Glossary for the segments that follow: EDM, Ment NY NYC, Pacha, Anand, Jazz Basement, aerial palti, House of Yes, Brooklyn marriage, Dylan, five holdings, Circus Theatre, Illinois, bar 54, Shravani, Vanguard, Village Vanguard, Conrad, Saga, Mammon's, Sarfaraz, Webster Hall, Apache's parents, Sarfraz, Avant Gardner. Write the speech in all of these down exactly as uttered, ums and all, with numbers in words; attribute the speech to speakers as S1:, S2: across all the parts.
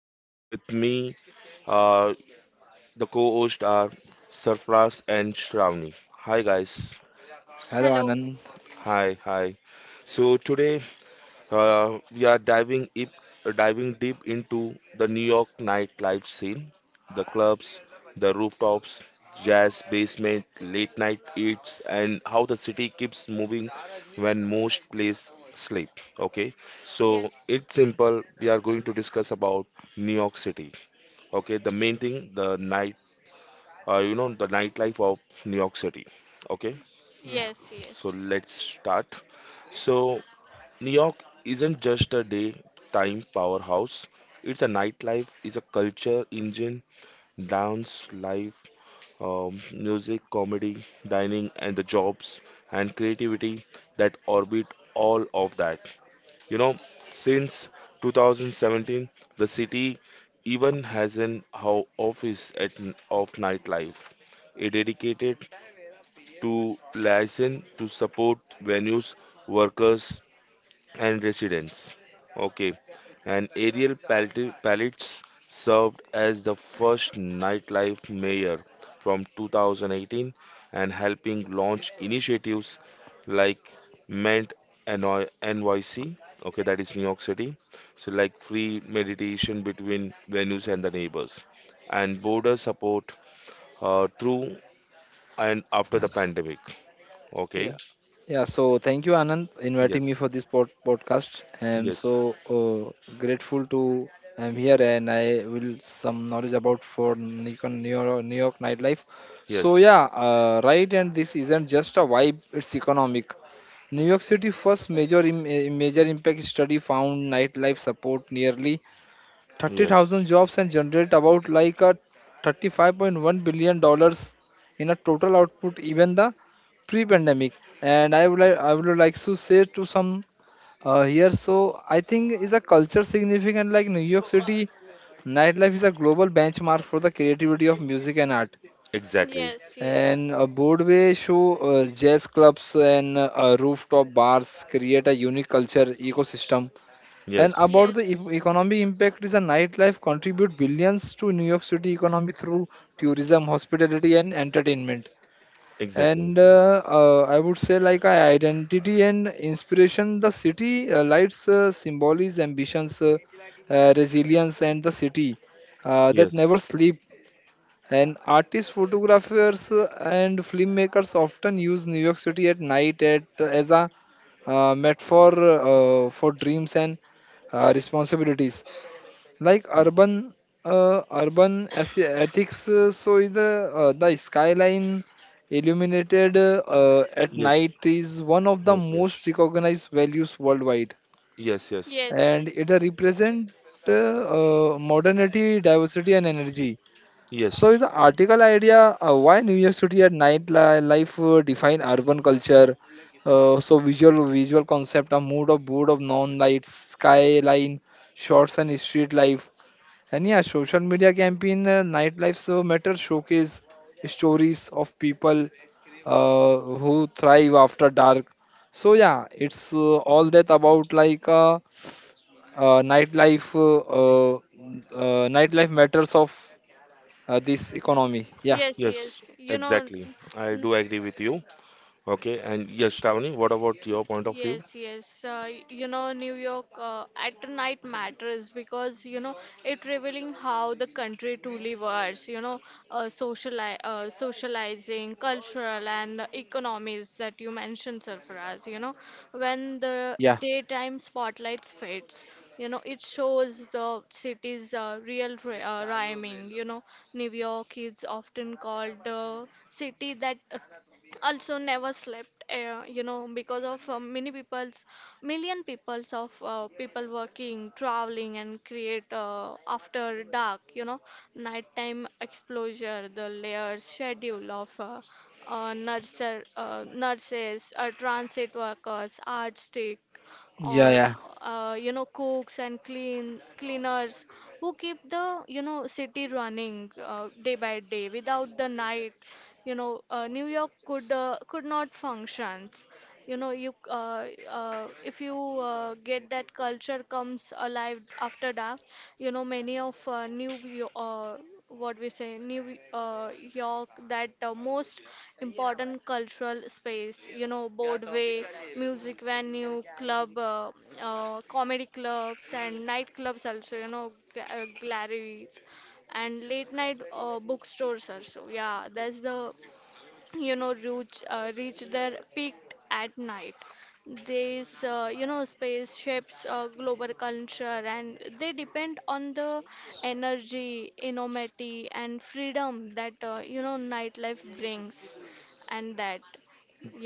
S1: and with me, uh, the co-host are Sarfraz and Shravani. Hi guys.
S2: Hello,
S3: Hello.
S2: Anand.
S1: Hi, hi. So today, Uh, we are diving deep, diving deep into the New York nightlife scene, the clubs, the rooftops, jazz, basement, late night eats, and how the city keeps moving when most plays sleep. Okay, so
S3: Yes.
S1: it's simple. We are going to discuss about New York City. Okay, the main thing, the night, uh, you know, the nightlife of New York City. Okay,
S2: Yeah,
S3: Yes.
S1: so
S3: Yes.
S1: let's start. So New York isn't just a daytime powerhouse. It's a nightlife, it's a culture engine, dance, life, um, music, comedy, dining, and the jobs and creativity that orbit all of that. You know, since twenty seventeen, the city even has an ho- office at, n- of nightlife, a dedicated to license to support venues, workers, and residents. Okay, and aerial palti- pallets served as the first nightlife mayor from two thousand eighteen and helping launch initiatives like Ment N Y N Y C, okay, that is New York City, so like free meditation between venues and the neighbors, and border support uh, through and after the pandemic.
S2: Yeah.
S1: Okay,
S2: yeah. So thank you, Anand, inviting me
S1: yes,
S2: for this pod- podcast. I'm
S1: yes,
S2: so uh, grateful to I'm here, and I will some knowledge about for Nikon New York, New York nightlife. So
S1: yes,
S2: yeah, uh, right. And this isn't just a vibe; it's economic. New York City first major im- eh, major impact study found nightlife support nearly
S1: yes,
S2: thirty thousand jobs and generate about like a thirty-five point one billion dollars in a total output. Even the pre-pandemic. And i would like i would like to say to some uh, here. So i think is a culture significant, like New York City nightlife is a global benchmark for the creativity of music and art
S3: Yes.
S1: exactly.
S3: Yes.
S2: and
S3: Yes.
S2: a Broadway show, uh, jazz clubs and uh, rooftop bars create a unique culture ecosystem. And
S1: Yes,
S2: about the
S3: Yes.
S2: e- economic impact, is a nightlife contribute billions to New York City economy through tourism, hospitality and entertainment.
S1: exactly.
S2: And uh, uh, i would say like I identity and inspiration, the city uh, lights uh, symbolize ambitions, uh, uh, resilience and the city uh, that never
S1: Yes,
S2: sleep. And artists, photographers uh, and filmmakers often use New York City at night at as a uh, metaphor uh, for dreams and uh, responsibilities like urban uh, urban as- ethics. Uh, so is the uh, the skyline illuminated uh, uh, at
S1: yes,
S2: night is one of the
S1: yes, yes,
S2: most recognized values worldwide,
S1: yes, yes,
S3: Yes.
S2: and it represents uh, uh, modernity, diversity and energy. So
S1: yes,
S2: is the article idea, uh, why New York City at night li- life uh, define urban culture. Uh, so visual visual concept, a mood of board of non lights, skyline shots and street life. And yeah, social media campaign, uh, nightlife so matters, showcase stories of people uh, who thrive after dark. So yeah, it's uh, all that about like uh, uh, nightlife uh, uh, uh, nightlife matters of uh, this economy. Yeah,
S3: Yes.
S1: yes,
S3: Yes. You know,
S1: exactly. I
S3: n-
S1: do agree with you. Okay, and yes, Shravani, what about your point of view?
S3: Yes, yes. Uh, y- you know, New York uh, at night matters because you know it revealing how the country truly was. You know, uh, sociali uh, socializing, cultural and economies that you mentioned, Sarfaraz. You know, when the
S2: yeah,
S3: daytime spotlights fades, you know it shows the city's uh, real ri- uh, rhyming. You know, New York is often called the city that also never slept, uh, you know because of uh, many people's million peoples of uh, people working traveling and create uh, after dark. You know nighttime exposure the layers schedule of uh, uh, nurser, uh, nurses, uh, transit workers artistic, or
S2: yeah,
S3: uh, you know cooks and clean cleaners, who keep the, you know city running uh, day by day. Without the night, you know uh, New York could, uh, could not functions. You know you, uh, uh, if you uh, get that culture comes alive after dark. You know many of, uh, new Yo- uh, what we say new uh, York, that uh, most important cultural space, you know Broadway, music venue, club, uh, uh, comedy clubs and nightclubs, also you know ga- uh, galleries, and late night uh, bookstores also, yeah, that's the, you know reach, uh, reach their peak at night. These uh, you know space shapes uh, global culture, and they depend on the energy, innovativity, and freedom that uh, you know nightlife brings. And that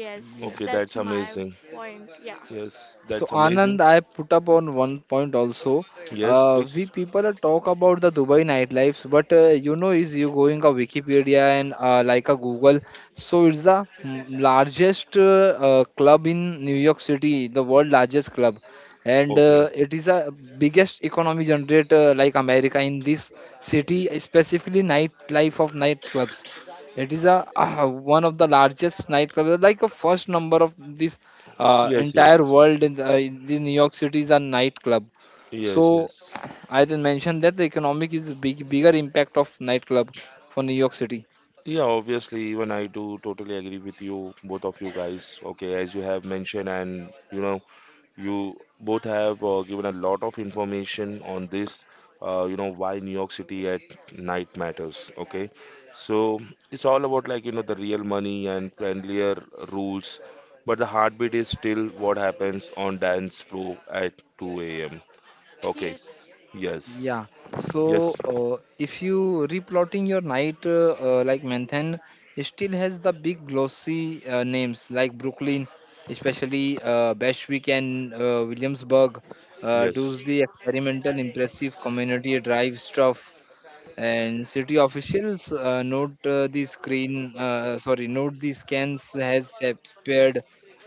S3: Yes,
S2: yeah.
S1: Okay,
S3: that's
S1: that's
S3: my
S1: amazing.
S3: point, yeah.
S1: Yes,
S2: So
S1: that's
S2: Anand,
S1: amazing.
S2: I put up on one point also.
S1: Yes,
S2: Uh, we
S1: please.
S2: people are talk about the Dubai nightlife, but uh, you know, is you going a Wikipedia and uh, like a Google, so it's the mm, largest uh, uh, club in New York City, the world largest club, and
S1: Okay.
S2: uh, it is a biggest economy generator like America in this city, specifically nightlife of nightclubs. It is a uh, one of the largest nightclubs, like a first number of this uh,
S1: Yes,
S2: entire
S1: yes,
S2: world in, uh, in the New York City is a nightclub.
S1: yes,
S2: So
S1: yes.
S2: I then mentioned that the economic is big, bigger impact of nightclub for New York City.
S1: Yeah, obviously, even I do totally agree with you, both of you guys. Okay, as you have mentioned, and you know, you both have uh, given a lot of information on this, uh, you know, why New York City at night matters. Okay, so it's all about like you know the real money and friendlier rules, but the heartbeat is still what happens on dance floor at two a m. Okay,
S3: Yes.
S1: yes,
S2: Yeah.
S1: yes,
S2: So uh, if you replotting your night, uh, uh, like Manhattan, it still has the big glossy uh, names like Brooklyn, especially uh, Bushwick and uh, Williamsburg. Uh, does
S1: yes.
S2: the experimental, impressive community drive stuff. And city officials uh, note uh, the screen uh, sorry note the scans has appeared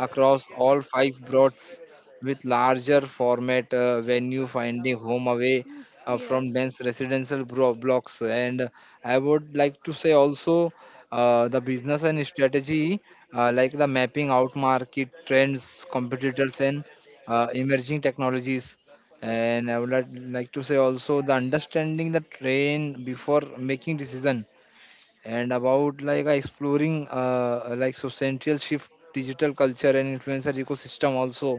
S2: across all five broads, with larger format uh, venue finding home away
S3: Mm,
S2: uh, from
S3: yes,
S2: dense residential bro- blocks. And i would like to say also uh, the business and strategy, uh, like the mapping out market trends, competitors and uh, emerging technologies. And i would like like to say also the understanding the train before making decision. And about like uh, exploring, uh, like societal shift, digital culture and influencer ecosystem also,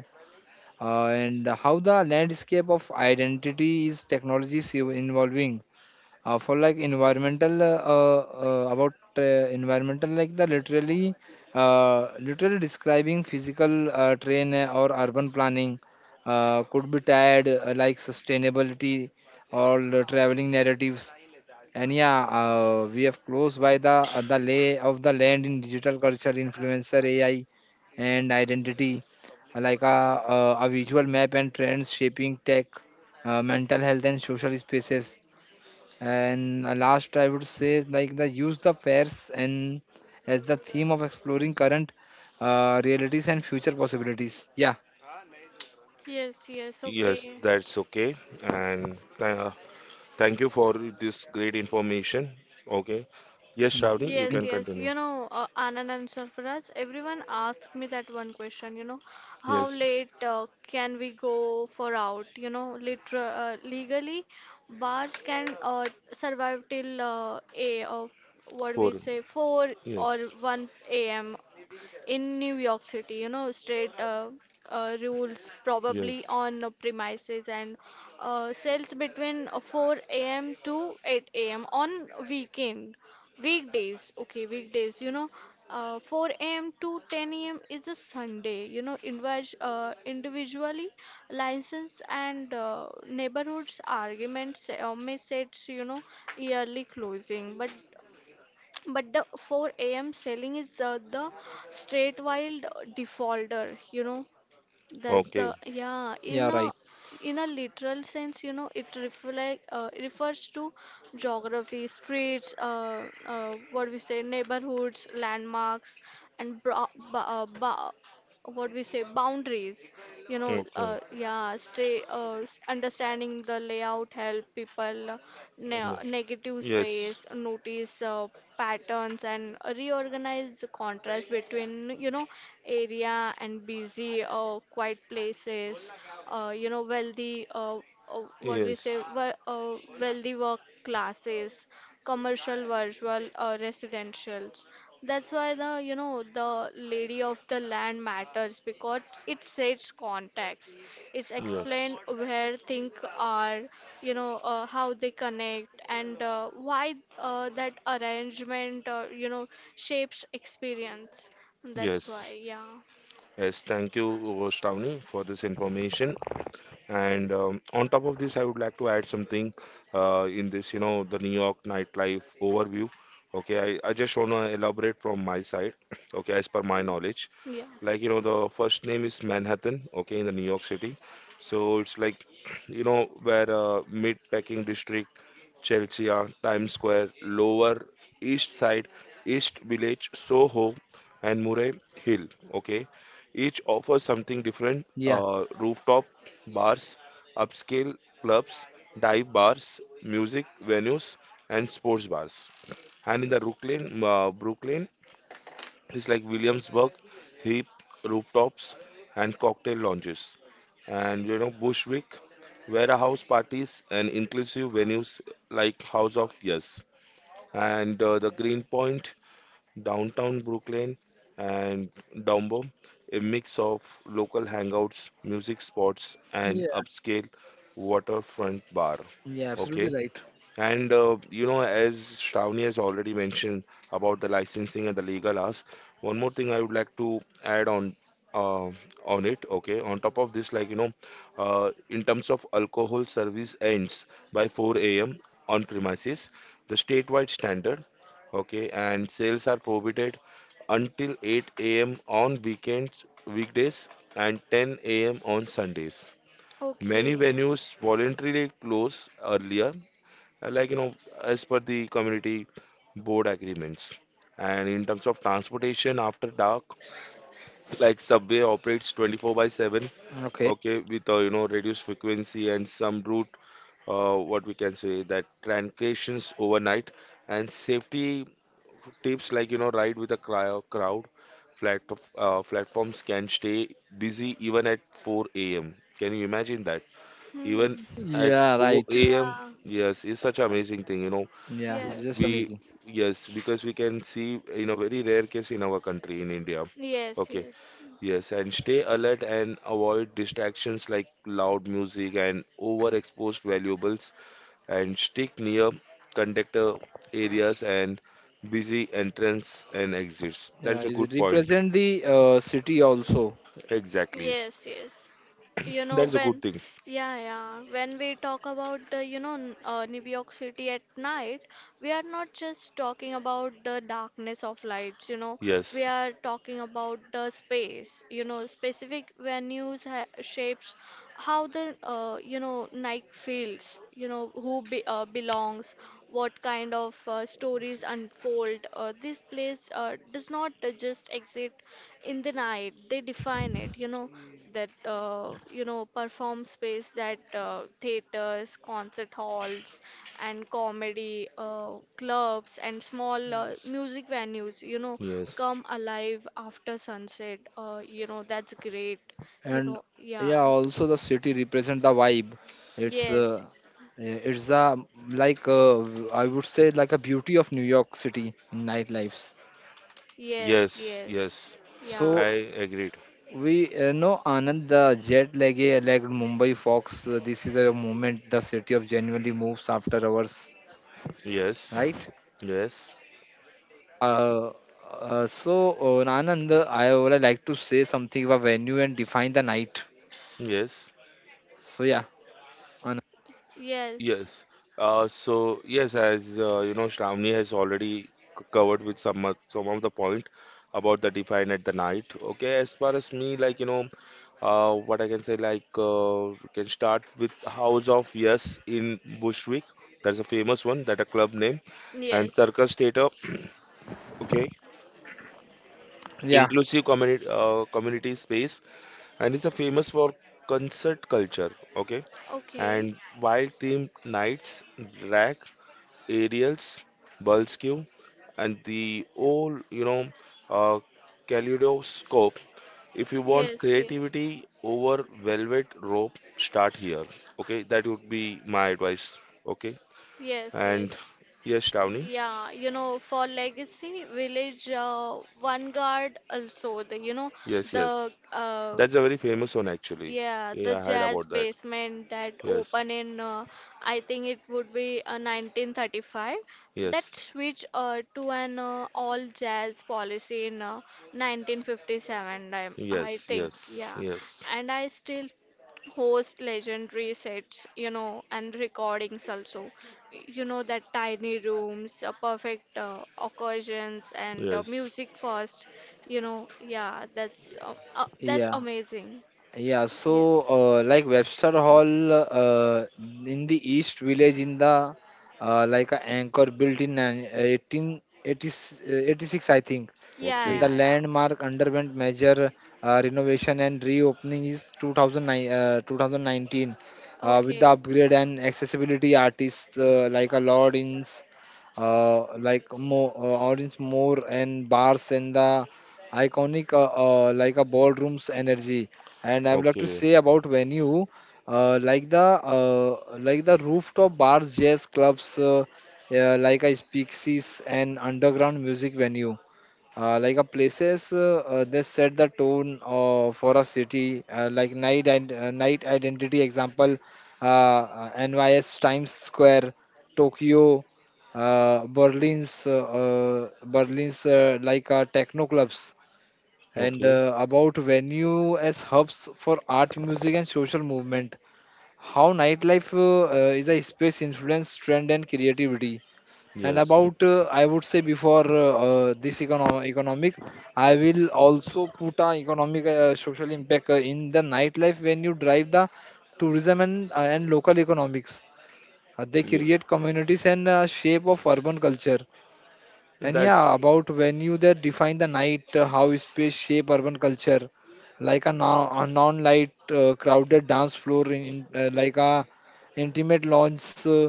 S2: uh, and how the landscape of identity is technologies ev- involving, uh, for like environmental, uh, uh, uh, about uh, environmental like the literally, uh, literally describing physical uh, train uh, or urban planning uh, could be tied uh, like sustainability or the traveling narratives. And yeah, uh, we have close by the uh, the lay of the land in digital culture, influencer, AI and identity, uh, like a, a, a visual map and trends shaping tech, uh, mental health and social spaces. And uh, last, I would say like the use the fairs and as the theme of exploring current uh, realities and future possibilities. Yeah.
S3: yes, yes.
S1: Yes,
S3: Okay.
S1: that's okay. And th uh, thank you for this great information. Okay. Yes,
S2: Yeah.
S1: Shravani, you
S3: Yes,
S2: Thank
S1: can
S3: yes.
S1: continue.
S3: You know, uh, Anand and Sarfaraz, everyone asks me that one question, you know, how
S1: Yes,
S3: late uh, can we go for out? You know, liter uh, Legally, bars can, uh, survive till, uh, a of what
S1: four.
S3: we say four or
S1: Yes.
S3: one a m in New York City. You know, state uh, uh, rules probably
S1: Yes.
S3: on uh, premises, and uh, sales between uh, four a m to eight a m on weekend. Weekdays, okay, weekdays, you know, uh, four a m to ten a m is a Sunday, you know, invas- uh, individually license, and uh, neighborhoods arguments uh, may set, you know, yearly closing, but but the four a m selling is, uh, the straight wild defaulter, you know, that's the
S1: Okay,
S3: yeah.
S2: you. Yeah.
S3: In
S2: Right.
S3: a in a literal sense, you know, it reflect uh, refers to geography, streets, uh, uh, what we say, neighborhoods, landmarks, and bro- ba- uh, ba- what we say, boundaries. You know uh,
S1: okay.
S3: yeah stay uh, s- understanding the layout help people, uh, ne
S1: Yeah.
S3: negative
S1: Yes,
S3: space, notice uh, patterns, and reorganize the contrast between, you know area and busy uh, quiet places, uh, you know wealthy, uh, uh, what we
S1: yes,
S3: say wel- uh, wealthy work classes, commercial virtual uh, residentials. That's why the you know the lady of the land matters, because it sets context. It's
S1: yes,
S3: explained where things are, you know, uh, how they connect, and uh, why uh, that arrangement, uh, you know, shapes experience. That's
S1: yes.
S3: why, yeah,
S1: Yes, thank you, Roshtauni, for this information. And um, on top of this, I would like to add something uh, in this, you know, the New York nightlife overview. Okay, I, I just want to elaborate from my side, okay, as per my knowledge.
S3: yeah.
S1: Like, you know, the first name is Manhattan, okay, in the New York City. So it's like, you know, where uh, mid-packing district Chelsea, Times Square, Lower East Side, East Village, Soho, and Murray Hill. Okay, each offers something different:
S2: Yeah.
S1: uh, rooftop bars, upscale clubs, dive bars, music venues, and sports bars. And in the Brooklyn, uh, Brooklyn, it's like Williamsburg, hip rooftops and cocktail lounges. And you know, Bushwick, warehouse parties and inclusive venues like House of Yes. And uh, the Greenpoint, downtown Brooklyn, and Dumbo, a mix of local hangouts, music spots, and
S2: Yeah.
S1: upscale waterfront bar.
S2: Yeah. Absolutely
S1: Okay,
S2: right.
S1: and uh, you know, as Shravani has already mentioned about the licensing and the legal hours, one more thing I would like to add on uh, on it. Okay, on top of this, like you know, uh, in terms of alcohol service ends by four a m on premises, the statewide standard. Okay, and sales are prohibited until eight a m on weekends, weekdays, and ten a m on Sundays. Many
S3: Okay.
S1: venues voluntarily close earlier, uh, like you know as per the community board agreements. And in terms of transportation after dark, like subway operates twenty four by seven,
S2: Okay.
S1: okay, with uh, you know reduced frequency and some route, uh, what we can say, that transitions overnight. And safety tips, like you know ride with a cryo- crowd. Flat uh, Platforms can stay busy even at four a.m. Can you imagine that? Even
S3: Hmm.
S1: at
S2: Yeah,
S1: four
S2: right.
S1: a.m.,
S3: Yeah.
S1: yes, it's such an amazing thing. You know,
S2: Yeah. Just
S3: Yes.
S1: we,
S2: amazing.
S1: yes, because we can see in a very rare case in our country, in India.
S3: Yes.
S1: Okay,
S3: Yes.
S1: yes, and stay alert and avoid distractions like loud music and overexposed valuables, and stick near conductor areas and busy entrance and exits.
S2: Yeah.
S1: That's a
S2: Is it
S1: good point.
S2: represent the uh, city also?
S1: Exactly.
S3: Yes, yes. You know
S1: That's a good
S3: when,
S1: thing.
S3: yeah, yeah. When we talk about the, you know, n- uh, New York City at night, we are not just talking about the darkness of lights. You know, we
S1: Yes,
S3: are talking about the space. You know, specific venues ha shapes how the, uh, you know, night feels. You know, who be uh, belongs, what kind of uh, stories
S2: City.
S3: unfold. Uh, this place uh, does not uh, just exist in the night. They define it, you know
S2: City,
S3: that, uh, you know perform space, that uh, theaters, concert halls, and comedy uh, clubs, and small uh,
S2: nice.
S3: music venues, you know
S1: yes,
S3: come alive after sunset. Uh, you know that's great, you
S2: And
S3: know yeah.
S2: yeah, also the city represent the vibe. It's
S3: Yes,
S2: uh, Uh, It's a like uh, v- I would say like a beauty of New York City in nightlife.
S3: yes,
S1: yes,
S3: yes,
S1: yes.
S3: yeah,
S2: So
S1: I agreed.
S2: we uh, know Anand the jet lagged like Mumbai Fox. Uh, this is a moment the city of genuinely moves after hours,
S1: Yes,
S2: right?
S1: yes,
S2: Uh, uh, so uh, Anand, uh, I would like to say something about venue and define the night.
S1: yes.
S2: So yeah, Anand.
S3: yes,
S1: Yes. Uh, so yes, as uh, you know, Shravani has already c- covered with some of, some of the point about the define at the night. Okay, as far as me, like you know, uh, what I can say, like uh, we can start with House of Yes in Bushwick. That's a famous one. That a club name, and
S3: yes.
S1: Circus Theatre. Okay,
S2: yeah,
S1: inclusive community uh, community space, and it's a famous for concert culture. Okay,
S3: Okay.
S1: and wild themed nights, drag Ariels, Bulskew, and the old, you know, uh, kaleidoscope. If you want
S3: Yes, yes,
S1: creativity over velvet rope, start here. Okay, that would be my advice. Okay,
S3: yes,
S1: and
S3: yes.
S1: yes, Shravani,
S3: Yeah, you know, for legacy village, uh, vanguard, also the, you know
S1: yes,
S3: the
S1: yes,
S3: uh,
S1: that's a very famous one actually.
S3: yeah,
S1: Yeah,
S3: the
S1: I heard
S3: jazz
S1: about that.
S3: basement that
S1: Yes,
S3: opened in, uh, I think it would be uh, nineteen thirty-five. That
S1: yes,
S3: switched uh, to an uh, all jazz policy in uh, nineteen fifty-seven, I, I
S1: yes,
S3: think.
S1: yes,
S3: Yeah,
S1: yes,
S3: and I still host legendary sets, you know, and recordings also. You know, that tiny rooms, uh, perfect uh, occasions, and uh,
S1: yes.
S3: music first. You know, yeah, that's um, uh, that's
S2: yeah.
S3: amazing.
S2: Yeah, so
S3: Yes.
S2: uh, like Webster Hall uh, in the East Village in the uh, like a anchor built in eighteen eighty-six, I think,
S3: Yeah,
S2: and
S3: yeah,
S2: the
S1: Okay,
S3: yeah.
S2: landmark underwent major uh, renovation and reopening is two thousand nine, uh, two thousand nineteen, uh, with the
S3: Okay.
S2: upgrade and accessibility artists uh, like a Lord, uh, like more uh, audience, more and bars and the iconic uh, uh, like a ballroom's energy. And i would like to
S1: okay,
S2: say about venue, uh, like the uh, like the rooftop bars, jazz clubs, uh, uh, like a speakeasies and underground music venue, uh, like a places, uh, uh, they set the tone uh, for a city, uh, like night and uh, night identity example, uh, uh, NYS Times Square, Tokyo, uh, berlin's uh, uh, Berlin's uh, like uh, techno clubs, and
S1: okay.
S2: uh, about venue as hubs for art, music, and social movement. How nightlife uh, uh, is a space influence trend and creativity. And
S1: Yes,
S2: about, uh, I would say before uh, uh, this econo- economic, I will also put a economic uh, social impact uh, in the nightlife when you drive the tourism and uh, and local economics. Uh, they
S1: yeah.
S2: create communities and uh, shape of urban culture. And yeah,
S1: That's
S2: about venue that define the night, uh, how space shape urban culture, like a, non- a non-light uh, crowded dance floor, in, in, uh, like a intimate lounge. Uh,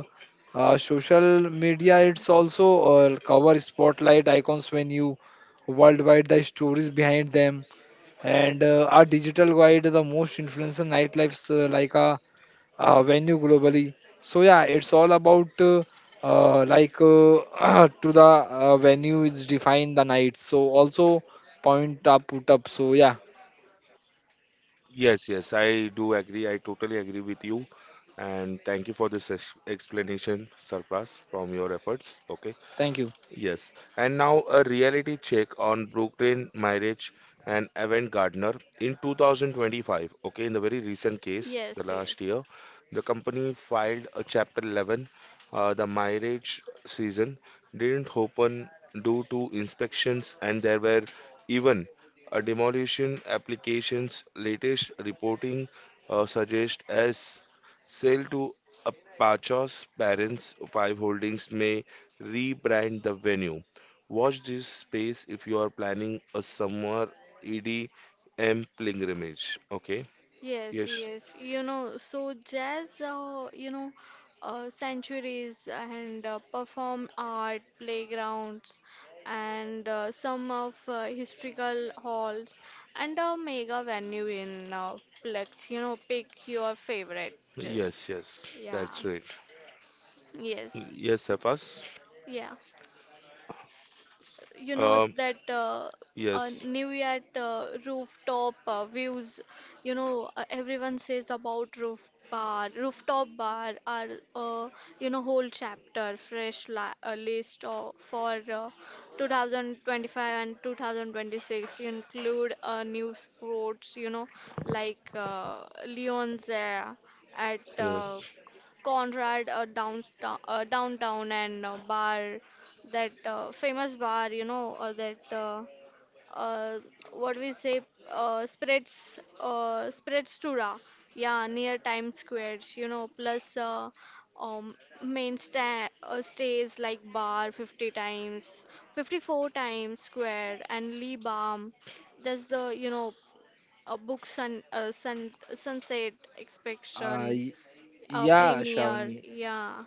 S2: uh, social media, it's also uh, cover spotlight icons venue worldwide, the stories behind them, and uh, our digital guide, the most influential nightlife, uh, like a uh, venue globally. So yeah, it's all about uh, uh, like uh, to the uh, venue is defined the night. So also point up put up. So yeah,
S1: Yes, yes, I do agree. I totally agree with you. And thank you for this ex- explanation, Sarfraz, from your efforts. Okay.
S2: thank you.
S1: Yes, and now a reality check on Brooklyn marriage and Avant Gardner in two thousand twenty five. Okay, in the very recent case, the
S3: Yes,
S1: last year,
S3: yes,
S1: the company filed a Chapter eleven. Uh, the marriage season didn't open due to inspections, and there were even a demolition applications. Latest reporting uh, suggests as sale to Apache's parents, five holdings may rebrand the venue. Watch this space if you are planning a summer E D M pilgrimage. Okay?
S3: yes,
S1: Yes.
S3: yes. You know, so jazz, uh, you know, uh, sanctuaries, and uh, perform art playgrounds, and uh, some of uh, historical halls, and a mega venue in uh, Plex. You know, pick your favorite. Just
S1: Yes, yes.
S3: yeah,
S1: That's right.
S3: yes,
S1: Yes, Hafas.
S3: yeah. You know
S1: Um,
S3: that, uh, uh,
S1: yes,
S3: new Year uh, rooftop uh, views, you know uh, everyone says about roof bar rooftop bar are, uh, you know whole chapter, fresh, la uh, list of, for uh, two thousand twenty-five and two thousand twenty-six, include uh, new sports, you know like uh, Lyon's uh, at uh,
S1: yes,
S3: Conrad uh, downtown, uh, downtown and uh, bar, that uh, famous bar, you know, or that, uh, uh, what we say uh, spreads, uh, spreads Tura, yeah, near Times Squares, you know, plus, uh, um, main sta uh, stays like bar fifty times, fifty-four times square, and Lee Balm. There's the, you know a book sun uh, sun sunset
S2: Uh,
S3: expection,
S2: y-
S3: uh,
S2: yeah,
S3: premiere,
S2: Shavni.
S3: yeah.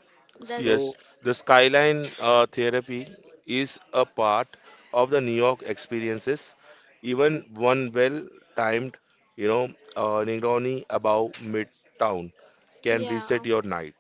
S1: yes.
S3: That's
S2: So
S1: The skyline uh, therapy is a part of the New York experiences. Even one well-timed, you know, uh, Negroni above Midtown can
S3: Yeah.
S1: reset your night.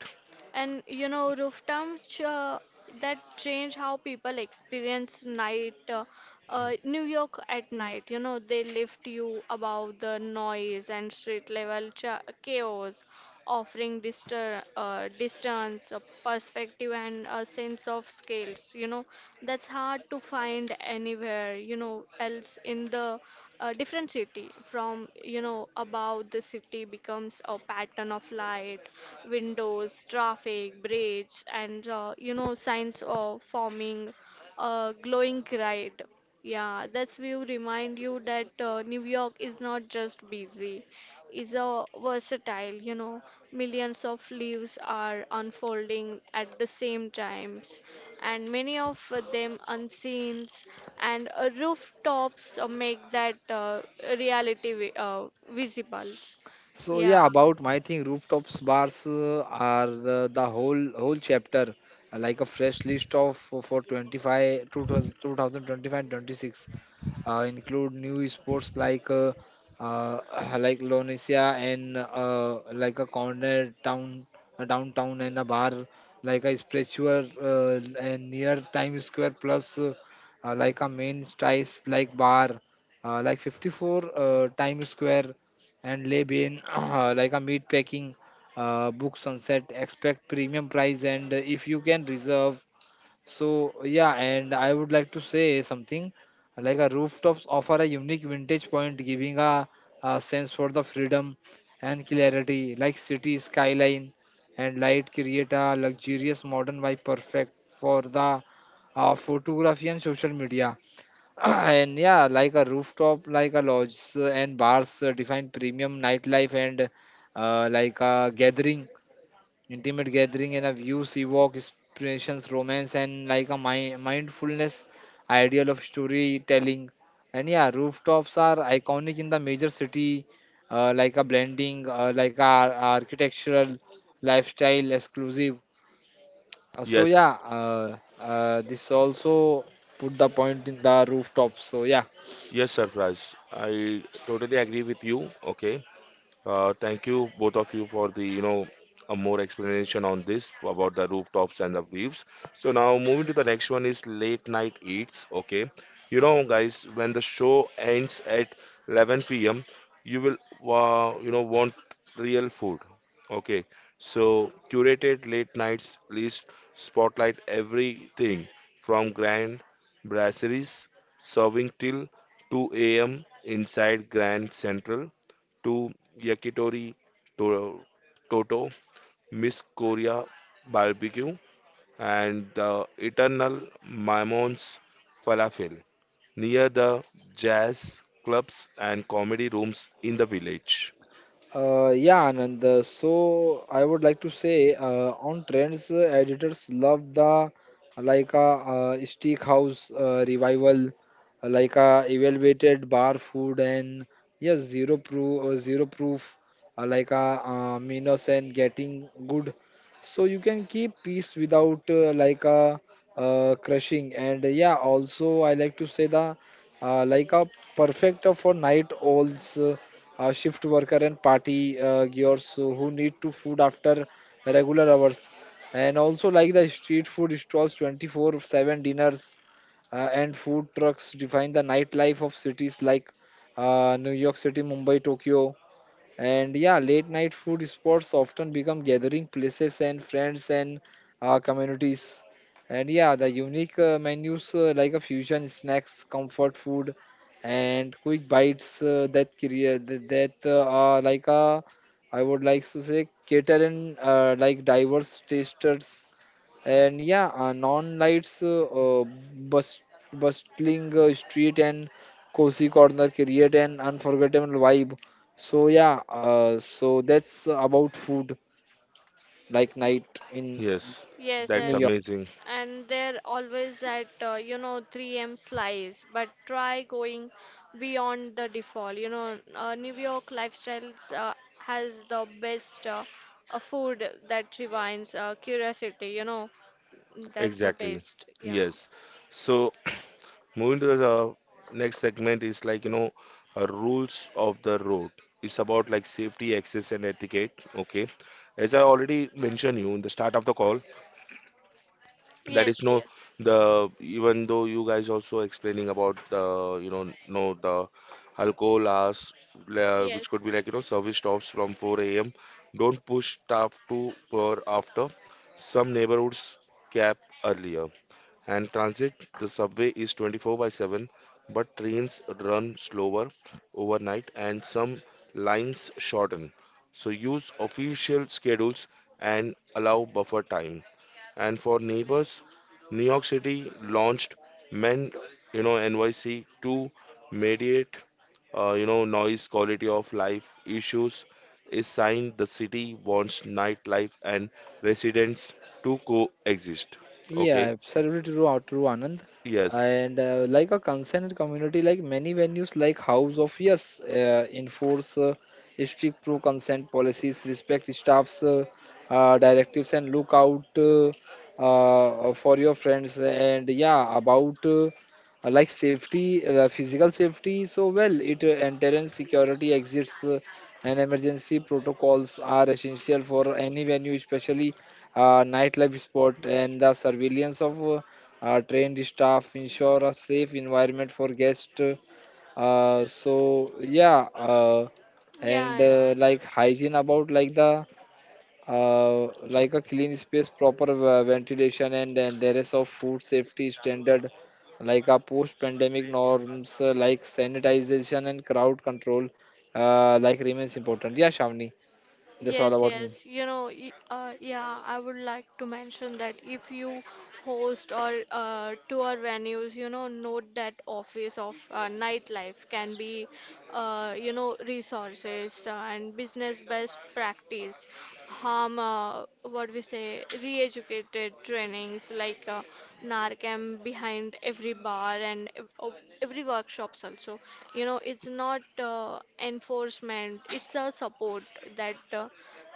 S3: And, you know, Rooftop, ch uh, that change how people experience night, uh, uh, New York at night. You know, they lift you above the noise and street level cha chaos, offering, distur uh, distance, uh, perspective, and a sense of scales. You know, that's hard to find anywhere, you know, else in the, a different city. From, you know above, the city becomes a pattern of light, windows, traffic, bridge, and, uh, you know signs of forming a glowing grid. Yeah, that's view remind you that uh, New York is not just busy, it's a versatile. You know millions of leaves are unfolding at the same times, and many of them unseen, and uh, rooftops uh, make that uh, reality vi- uh, visible.
S2: so
S3: Yeah.
S2: yeah, about my thing, rooftops bars uh, are the, the whole whole chapter, uh, like a fresh list of for for twenty-five two thousand twenty-five twenty-six, uh, include new sports like uh, uh, like Lonesia and uh, like a corner town, a downtown and a bar like a spiritual uh, and near Times Square, plus uh, uh, like a main strice like bar, uh, like fifty-four uh, Times Square and lay bin uh, like a meat packing, uh, book sunset, expect premium price and uh, if you can reserve. So yeah, and I would like to say something like a rooftops offer a unique vintage point, giving a, a sense for the freedom and clarity, like city skyline and light create a luxurious modern vibe, perfect for the uh, photography and social media. And yeah, like a rooftop, like a lodge and bars uh, define premium nightlife and uh, like a gathering, intimate gathering and a view, sea walk, inspirations, romance, and like a mi- mindfulness ideal of storytelling. And yeah, rooftops are iconic in the major city, uh, like a blending, uh, like a ar- architectural, lifestyle exclusive. Uh, so yeah,
S1: Yes,
S2: uh, uh, this also put the point in the rooftops. So yeah.
S1: yes, Sarfraz, I totally agree with you. Okay, uh, thank you both of you for the you know a more explanation on this about the rooftops and the views. So now moving to the next one is late night eats. Okay, you know guys, when the show ends at eleven p m, you will uh, you know want real food. Okay, so curated late nights list spotlight everything from grand brasseries serving till two a m inside Grand Central to yakitori, to, toto, Miss Korea barbecue, and the eternal Mammon's falafel near the jazz clubs and comedy rooms in the village.
S2: Uh, yeah, Anand. uh, So I would like to say uh, on trends, uh, editors love the uh, like a uh, steak house uh, revival, uh, like a evaluated bar food and yes, zero proof, uh, zero proof, uh, like a uh, minus and getting good. So you can keep peace without uh, like a uh, crushing. And uh, yeah, also I like to say the uh, like a perfect for night owls, uh, uh, shift worker and party uh, gears uh, who need to food after regular hours. And also like the street food stalls, twenty-four seven dinners uh, and food trucks define the nightlife of cities like uh, New York City, Mumbai, Tokyo. And yeah, late night food spots often become gathering places and friends and uh, communities. And yeah, the unique uh, menus, uh, like a fusion snacks, comfort food, and quick bites uh, that create that, that uh, are like a, I would like to say, cater and uh, like diverse tasters. And yeah, uh, non lights, uh, uh, bust, bustling uh, street and cozy corner create an unforgettable vibe. So yeah, uh, so that's about food like
S3: Y-
S2: night in
S1: Yes,
S3: Yes,
S1: that's
S2: New York.
S3: yes.
S1: amazing.
S3: And they're always at, uh, you know, three M slice, but try going beyond the default. You know, uh, New York Lifestyles uh, has the best, uh, uh, food that revives uh, curiosity, you know. That's the
S1: Exactly.
S3: best. Yeah.
S1: Yes. So, moving to the next segment is like, you know, uh, rules of the road. It's about like safety, access, and etiquette. Okay. As I already mentioned you in the start of the call, that is
S3: Yes,
S1: no
S3: yes.
S1: the even though you guys also explaining about the you know no the alcohol hours, uh,
S3: Yes.
S1: which could be like you know service stops from four a m. Don't push staff to or after. Some neighborhoods cap earlier. And transit the subway is twenty four by seven, but trains run slower overnight and some lines shorten. So use official schedules and allow buffer time. And for neighbors, New York City launched MEND, you know, N Y C to mediate, uh, you know, noise quality of life issues. Is signed the city wants nightlife and residents to coexist.
S2: Yeah,
S1: Okay.
S2: absolutely true, uh, true, Anand.
S1: Yes.
S2: And uh, like a concerned community, like many venues, like House of Yes, uh, enforce uh, strict pro-consent policies, respect staff's uh, uh, directives, and look out uh, uh, for your friends. And yeah, about uh, uh, like safety, uh, physical safety. So well, it uh, entrance security exits uh, and emergency protocols are essential for any venue, especially uh, nightlife sport,
S1: Yes.
S2: and the surveillance of uh, uh, trained staff ensure a safe environment for guests. Uh, so yeah, uh,
S3: Yeah,
S2: and
S3: yeah.
S2: uh, like hygiene about like the uh, like a clean space, proper uh, ventilation, and, and there is of food safety standard, like a post pandemic norms, uh, like sanitization and crowd control, uh, like remains important. Yeah, Shavni, that's all
S3: Yes,
S2: about me.
S3: yes. You know, y- uh, yeah, I would like to mention that if you host or uh, tour venues, you know, note that office of uh, nightlife can be, uh, you know, resources uh, and business best practice. Harm uh, what we say re-educated trainings like uh, narcan behind every bar, and ev- o- every workshops also. You know it's not uh, enforcement, it's a support that, uh,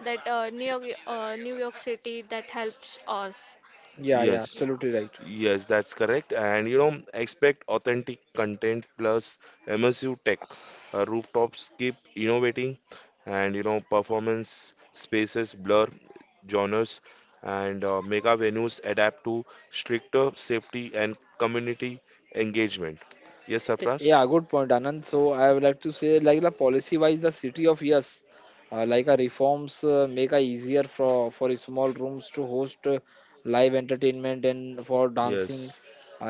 S3: that uh, New York, uh, New York City, that helps us.
S2: Yeah yeah
S1: Yes.
S3: Yeah.
S2: Absolutely right.
S1: Yes, that's correct. And you know, expect authentic content plus immersive tech. Uh, rooftops keep innovating, and you know, performance spaces blur genres, and uh, mega venues adapt to stricter safety and community engagement. Yes,
S2: Y-
S1: Safras?
S2: Yeah, good point, Anand. So I would like to say, like the policy-wise, the city of yes, uh, like a reforms uh, make a easier for for a small rooms to host uh, live entertainment and for dancing.
S1: Yes,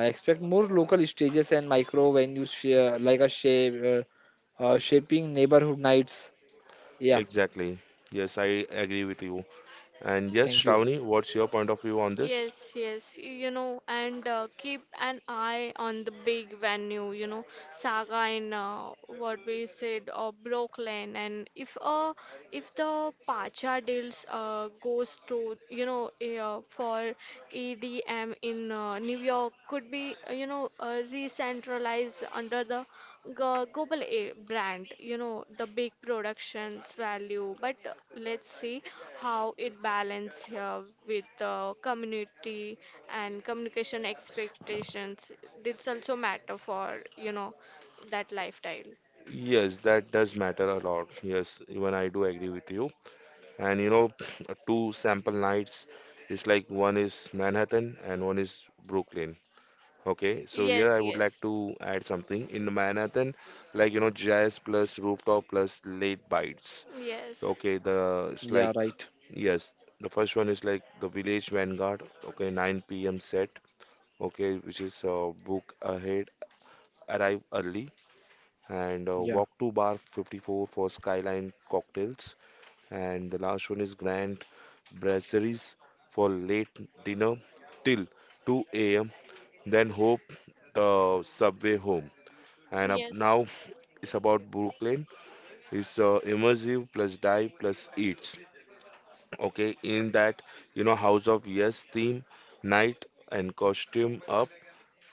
S2: I expect more local stages and micro venues, share, like a shape, uh, uh, shaping neighborhood nights. Yeah,
S1: exactly. Yes, I agree with you. And yes,
S2: thank you.
S1: Shravani, what's your point of view on this?
S3: Yes, yes, you know, and uh, keep an eye on the big venue, you know, Saga in, uh, what we said, uh, Brooklyn, and if uh, if the Pacha deals uh, goes to, you know, uh, for E D M in uh, New York, could be, uh, you know, uh, re-centralized under the Go- global a brand, you know, the big productions value, but uh, let's see how it balance here with the community and communication expectations. It's also matter for, you know, that lifestyle.
S1: Yes, that does matter a lot. Yes, even I do agree with you. And you know two sample nights is like one is Manhattan and one is Brooklyn. Okay, so here
S3: Yes,
S1: I would like
S3: yes,
S1: to add something in Manhattan, like you know jazz plus rooftop plus late bites.
S3: yes,
S1: Okay, the it's
S2: Yeah,
S1: like,
S2: right.
S1: yes, the first one is like the Village Vanguard. Okay, nine p m set. Okay, which is uh, book ahead, arrive early, and uh,
S2: Yeah,
S1: walk to bar fifty four for Skyline cocktails. And the last one is grand brasseries for late dinner till two a m. Then hope the subway home. And up
S3: yes,
S1: now it's about Brooklyn. It's uh, immersive plus dive plus eats. Okay, in that you know House of Yes theme, night and costume up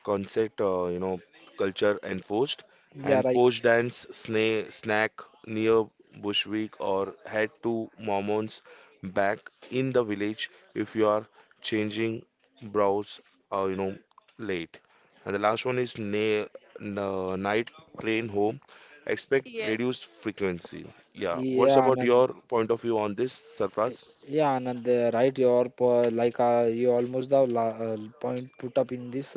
S1: concert, uh, you know, culture enforced,
S2: yeah,
S1: and
S2: right.
S1: post dance, sna snack near Bushwick, or head to Mormon's back in the village if you are changing brows, uh, you know, late. And the last one is na na- night train home. Expect reduced
S3: yes.
S1: frequency. Yeah, what's
S2: Yeah,
S1: about
S2: Anand.
S1: your point of view on this,
S2: Uh,
S1: Sarfraz?
S2: Yeah, Anand, uh, right. Your po- like uh, you almost the la uh, point put up in this.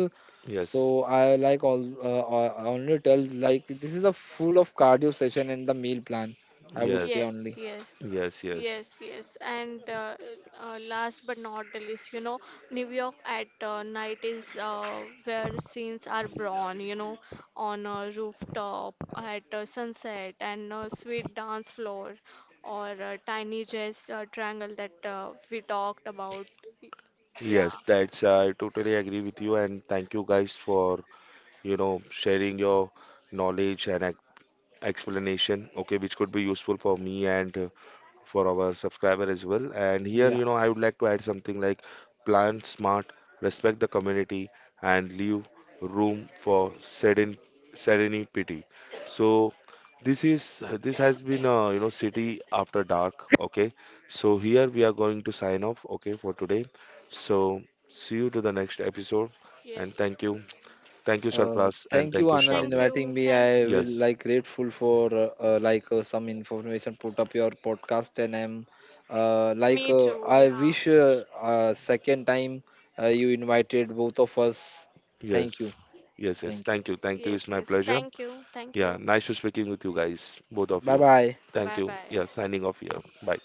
S2: So
S1: Yes,
S2: I like all uh, uh, I only tell like this is a full of cardio session and the meal plan. I would say
S1: yes,
S3: Yes,
S2: only.
S3: yes,
S1: yes, yes.
S3: yes, yes. And uh, uh, last but not the least, you know, New York at uh, night is uh, where scenes are born, you know, on a rooftop at uh, sunset and a sweet dance floor, or a tiny jazz uh, triangle that uh, we talked about. Yeah,
S1: Yes, that's uh, I totally agree with you and thank you guys for, you know, sharing your knowledge and ex explanation, okay, which could be useful for me and uh, for our subscriber as well. And here,
S2: Yeah.
S1: you know, I would like to add something like plan smart, respect the community, and leave room for seren- serenity. So this is this has been uh, you know city after dark. Okay, so here we are going to sign off. Okay, for today. So see you to the next episode, and
S3: yes.
S1: thank you, thank you,
S2: Uh,
S1: Sarpras, and
S2: thank you,
S1: thank you,
S2: Anand,
S3: Thank
S1: Shravani.
S3: you,
S2: inviting me.
S3: thank
S2: I
S3: you.
S2: will
S1: Yes,
S2: like grateful for uh, uh, like uh, some information put up your podcast, and I'm uh, like
S3: Me
S2: uh,
S3: too,
S2: I
S3: yeah.
S2: wish uh, uh, second time uh, you invited both of us. Thank you.
S1: yes, yes, yes.
S2: Thank you.
S1: Thank you, thank you. It's
S3: Yes,
S1: my
S3: yes.
S1: pleasure.
S3: Thank you, thank
S1: Yeah,
S3: you.
S1: nice to speaking with you guys, both of
S2: Bye
S1: you.
S2: bye.
S1: Thank
S3: Bye
S1: you. Yeah,
S3: bye.
S1: signing off here. Bye.